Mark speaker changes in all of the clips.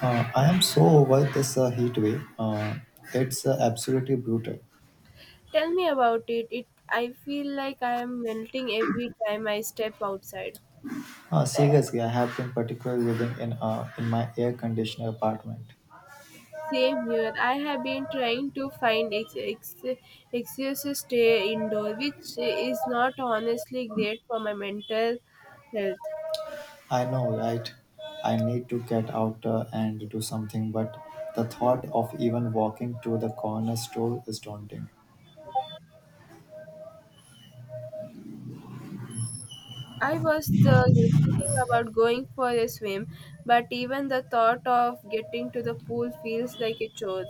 Speaker 1: I am so over this heat wave. It's absolutely brutal.
Speaker 2: Tell me about it. I feel like I am melting every time I step outside.
Speaker 1: Seriously, I have been particularly living in in my air conditioner apartment.
Speaker 2: Same here. I have been trying to find excuses to stay indoor, which is not honestly great for my mental health.
Speaker 1: I know, right? I need to get out and do something, but the thought of even walking to the corner store is daunting.
Speaker 2: I was thinking about going for a swim, but even the thought of getting to the pool feels like a chore.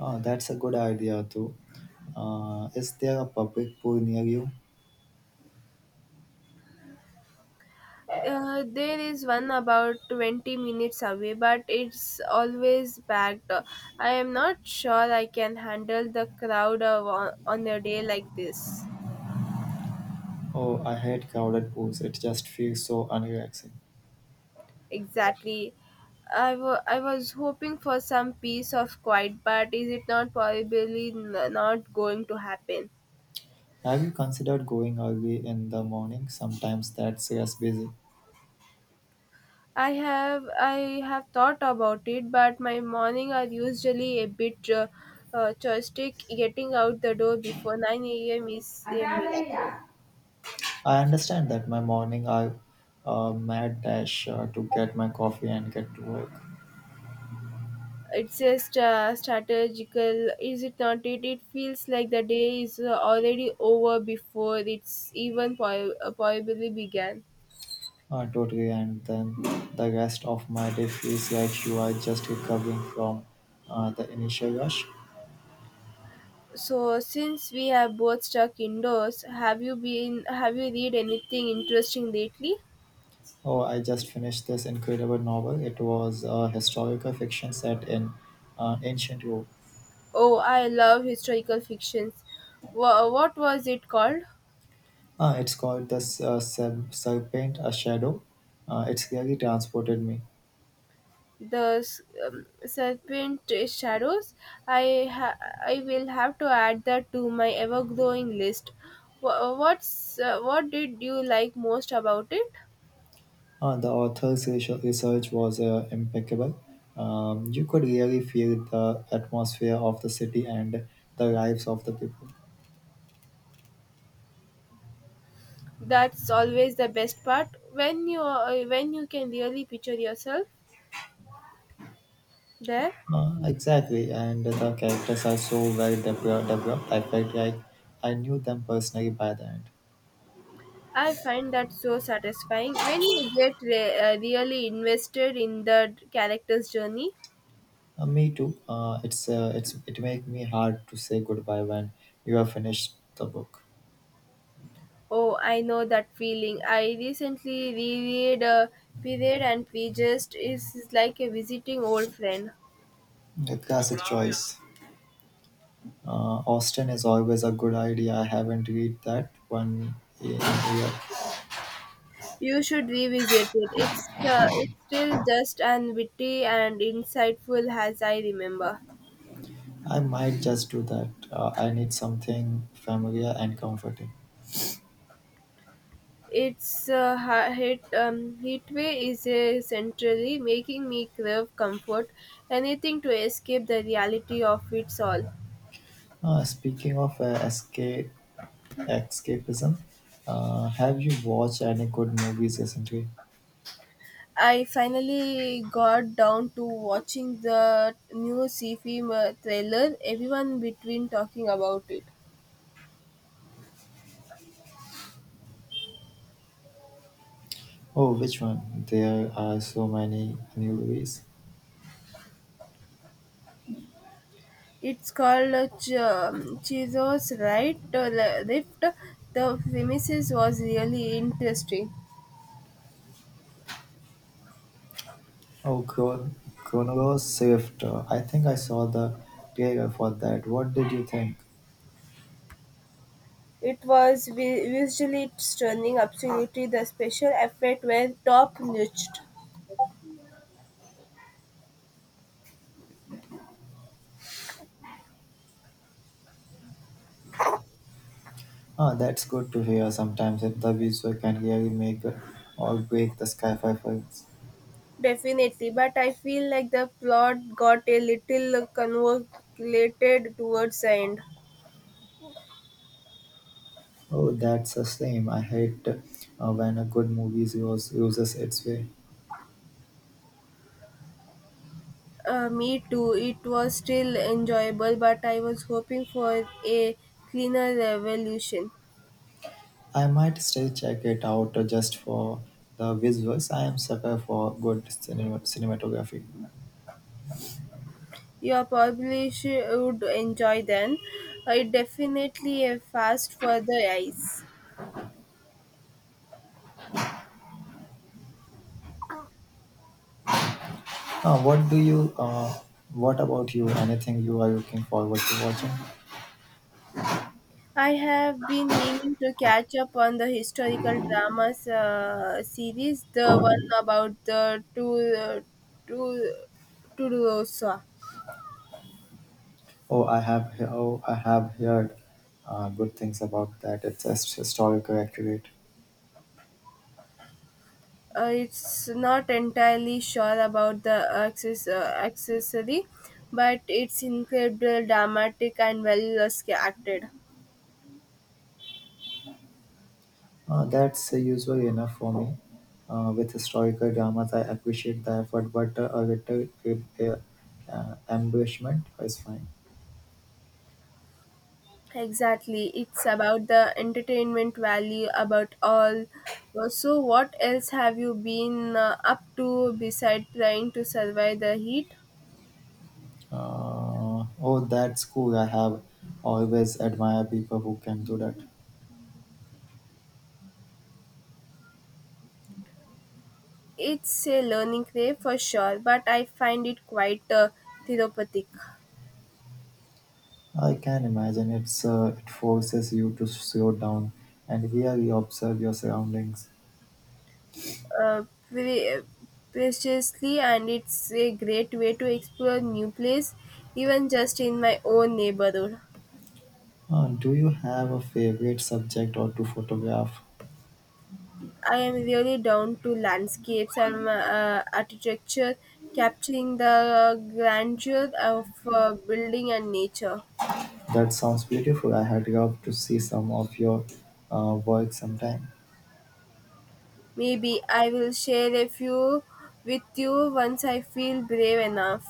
Speaker 1: That's a good idea too. Is there a public pool near you?
Speaker 2: There is one about 20 minutes away, but it's always packed. I am not sure I can handle on a day like this.
Speaker 1: Oh, I hate crowded pools. It just feels so unrelaxing.
Speaker 2: Exactly. I was hoping for some piece of quiet, but is it not probably not going to happen?
Speaker 1: Have you considered going early in the morning? Sometimes that's just busy.
Speaker 2: I have thought about it, but my morning are usually a bit joystick. Getting out the door before 9 a.m. is a miracle.
Speaker 1: I understand that my morning I mad dash to get my coffee and get to work.
Speaker 2: It's a strategical is it not it feels like the day is already over before it's even probably began.
Speaker 1: Totally, and then the rest of my day feels like you are just recovering from the initial rush.
Speaker 2: So since we have both stuck indoors, have you been, have you read anything interesting lately?
Speaker 1: Oh, I just finished this incredible novel. It was a historical fiction set in ancient Rome.
Speaker 2: Oh, I love historical fictions. What was it called?
Speaker 1: Ah, it's called the Serpent, a Shadow. It's really transported me.
Speaker 2: The serpent shadows. i ha- I will have to add that to my ever growing list. What did you like most about it?
Speaker 1: The author's research was impeccable. You could really feel the atmosphere of the city and the lives of the people.
Speaker 2: That's always the best part when you can really picture yourself there.
Speaker 1: Exactly, and the characters are so well developed. I felt like I knew them personally by the end.
Speaker 2: I find that so satisfying when you get really invested in the character's journey.
Speaker 1: Me too. It make me hard to say goodbye when you have finished the book.
Speaker 2: Oh, I know that feeling. I recently reread a period and prejudice. It's like a visiting old friend.
Speaker 1: The classic choice. Austin is always a good idea. I haven't read that one in years.
Speaker 2: You should revisit it. It's still just as witty and insightful as I remember.
Speaker 1: I might just do that. I need something familiar and comforting.
Speaker 2: Its ha- hit heatway is essentially making me crave comfort, anything to escape the reality of it's all.
Speaker 1: Speaking of escape, escapism, have you watched any good movies recently?
Speaker 2: I finally got down to watching the new sci-fi thriller everyone between talking about it.
Speaker 1: Oh, which one? There are so many new movies.
Speaker 2: It's called Chizos Right Rift. The premises was really interesting.
Speaker 1: Oh, Chrono Shift. I think I saw the trailer for that. What did you think?
Speaker 2: It was visually stunning, absolutely. The special effects were top notch,
Speaker 1: Ah, that's good to hear. Sometimes if the visual can really make or break the sci-fi films.
Speaker 2: definitely. But I feel like the plot got a little convoluted towards the end.
Speaker 1: Oh, that's a shame. I hate when a good movie uses its way.
Speaker 2: Me too. It was still enjoyable, but I was hoping for a cleaner revolution.
Speaker 1: I might still check it out just for the visuals. I am sucker for good cinematography.
Speaker 2: You probably should enjoy then. It definitely a fast for the eyes.
Speaker 1: Now, what do you? What about you? Anything you are looking forward to watching?
Speaker 2: I have been meaning to catch up on the historical dramas series, the one about the two Rosa.
Speaker 1: Oh, I have. Oh, I have heard good things about that. It's just historical accurate.
Speaker 2: It's not entirely sure about the access, accessory, but it's incredible, dramatic, and well acted.
Speaker 1: That's usually enough for me. With historical dramas, I appreciate the effort, but a little uh, embellishment is fine.
Speaker 2: Exactly, it's about the entertainment value, about all. So, what else have you been up to besides trying to survive the heat?
Speaker 1: Oh, that's cool. I have always admired people who can do that.
Speaker 2: It's a learning curve for sure, but I find it quite therapeutic.
Speaker 1: I can imagine it forces you to slow down and really observe your surroundings.
Speaker 2: uh, pre- Preciously, and it's a great way to explore new place, even just in my own neighborhood.
Speaker 1: Do you have a favorite subject or to photograph?
Speaker 2: I am really down to landscapes and architecture, capturing the grandeur of building and nature.
Speaker 1: That sounds beautiful. I had loved to see some of your work sometime.
Speaker 2: Maybe I will share a few with you once I feel brave enough.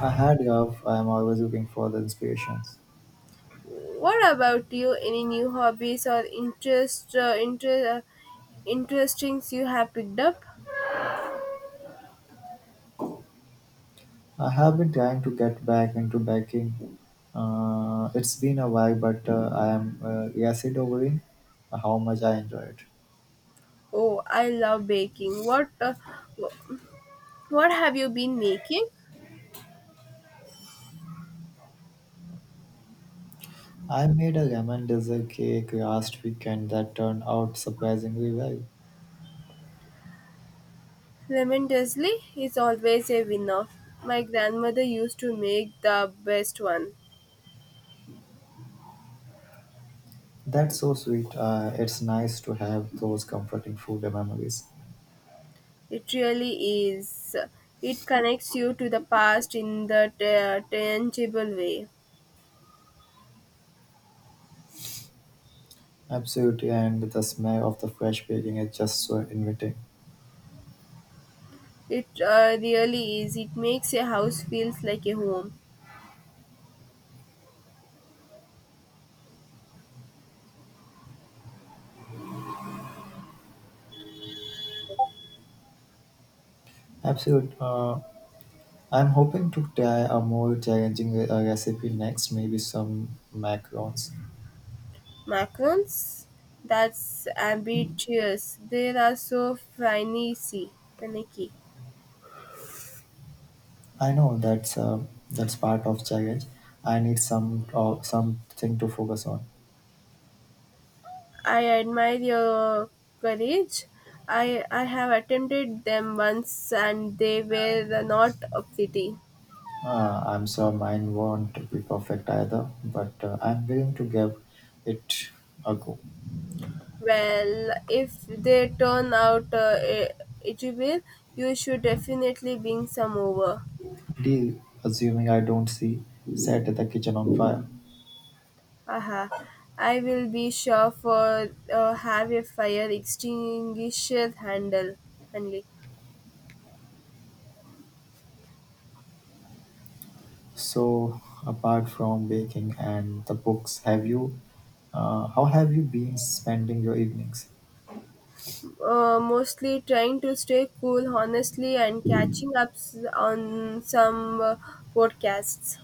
Speaker 1: I had enough. I am always looking for the inspirations.
Speaker 2: What about you, any new hobbies or interesting you have picked up?
Speaker 1: I have been trying to get back into baking. It's been a while, but I am reacid over how much I enjoy it.
Speaker 2: Oh, I love baking. What have you been making?
Speaker 1: I made a lemon dessert cake last weekend that turned out surprisingly well.
Speaker 2: Lemon drizzly is always a winner. My grandmother used to make the best one.
Speaker 1: That's so sweet. It's nice to have those comforting food memories.
Speaker 2: It really is. It connects you to the past in the tangible way.
Speaker 1: Absolutely, and the smell of the fresh baking is just so inviting.
Speaker 2: It really is. It makes a house feels like a home.
Speaker 1: Absolutely. I'm hoping to try a more challenging recipe next, maybe some macarons.
Speaker 2: Macarons? That's ambitious. They are so finicky.
Speaker 1: I know that's part of challenge. I need something to focus on.
Speaker 2: I admire your courage. I have attempted them once and they were not a pity.
Speaker 1: I'm sure mine won't be perfect either, but I'm willing to give it a go.
Speaker 2: Well, if they turn out it, you should definitely bring some over.
Speaker 1: Deal, assuming I don't see set the kitchen on fire.
Speaker 2: Aha. I will be sure for have a fire extinguisher handle.
Speaker 1: So, apart from baking and the books, have you? How have you been spending your evenings?
Speaker 2: Mostly trying to stay cool, honestly, and catching up on some podcasts.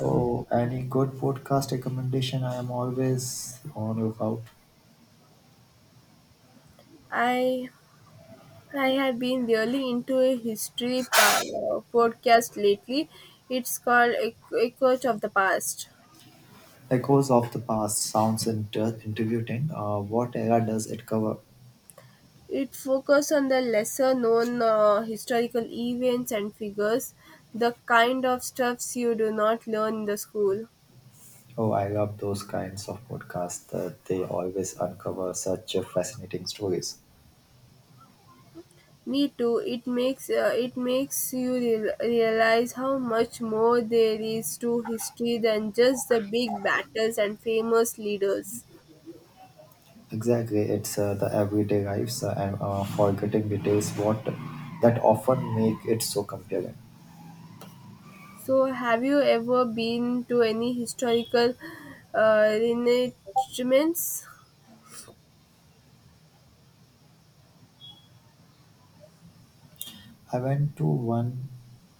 Speaker 1: Oh, any good podcast recommendation? I am always on lookout.
Speaker 2: I I have been really into a history podcast lately. It's called Echoes of the Past.
Speaker 1: Echoes of the Past sounds interviewing. What era does it cover?
Speaker 2: It focuses on the lesser known historical events and figures, the kind of stuffs you do not learn in the school.
Speaker 1: Oh, I love those kinds of podcasts. That they always uncover such fascinating stories.
Speaker 2: Me too. It makes you realize how much more there is to history than just the big battles and famous leaders.
Speaker 1: Exactly, it's the everyday lives and forgetting details what that often make it so compelling.
Speaker 2: So, have you ever been to any historical reenactments?
Speaker 1: I went to one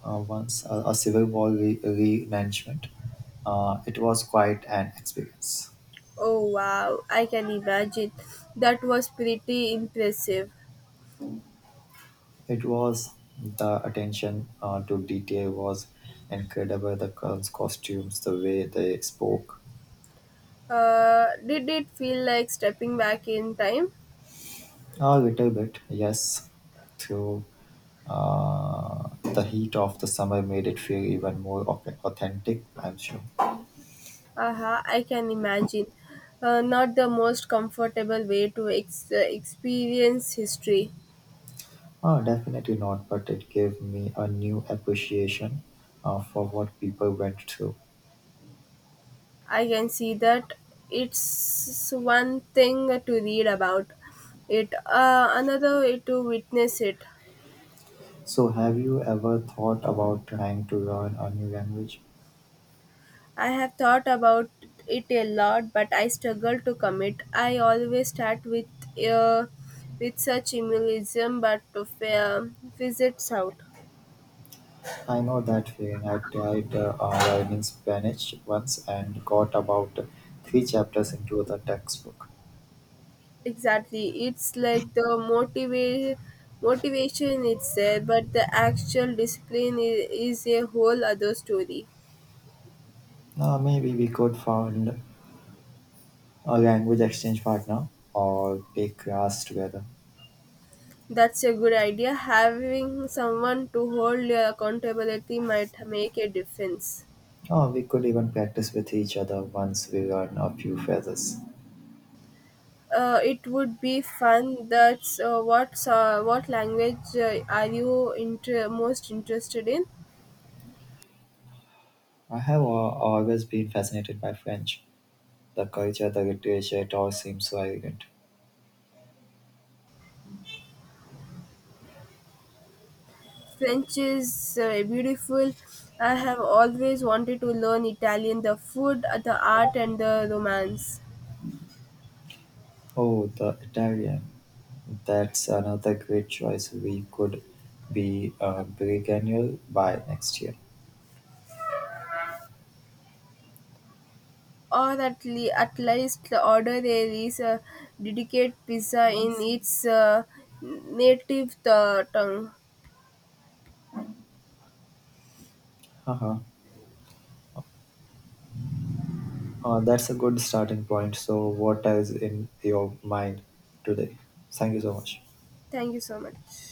Speaker 1: once a civil war management. It was quite an experience.
Speaker 2: Oh wow, I can imagine. That was pretty impressive.
Speaker 1: It was the attention to detail was incredible. The costumes, the way they spoke,
Speaker 2: Did it feel like stepping back in time?
Speaker 1: a little bit, yes, through the heat of the summer made it feel even more authentic. I'm sure.
Speaker 2: Aha, I can imagine. Not the most comfortable way to experience history.
Speaker 1: Oh, definitely not, but it gave me a new appreciation for what people went through.
Speaker 2: I can see that it's one thing to read about it, another way to witness it.
Speaker 1: So, have you ever thought about trying to learn a new language?
Speaker 2: I have thought about it a lot, but I struggle to commit. I always start uh, with such minimalism, but fizzes out.
Speaker 1: I know that feeling. I tried online in Spanish once and got about three chapters into the textbook.
Speaker 2: Exactly, it's like the motivation is there, but the actual discipline is a whole other story.
Speaker 1: Maybe we could find a language exchange partner or take class together.
Speaker 2: That's a good idea. Having someone to hold your accountability might make a difference.
Speaker 1: Or we could even practice with each other once we learn a few phrases.
Speaker 2: It would be fun. That's what What language are you most interested in?
Speaker 1: I have always been fascinated by French. The culture, the literature, it all seems so elegant.
Speaker 2: French is beautiful. I have always wanted to learn Italian. The food, the art, and the romance.
Speaker 1: Oh, the Italian. That's another great choice. We could be a biennial by next year.
Speaker 2: Or at, at least order there is a dedicated pizza in its native tongue.
Speaker 1: Haha. That's a good starting point. So, what is in your mind today? Thank you so much.
Speaker 2: Thank you so much.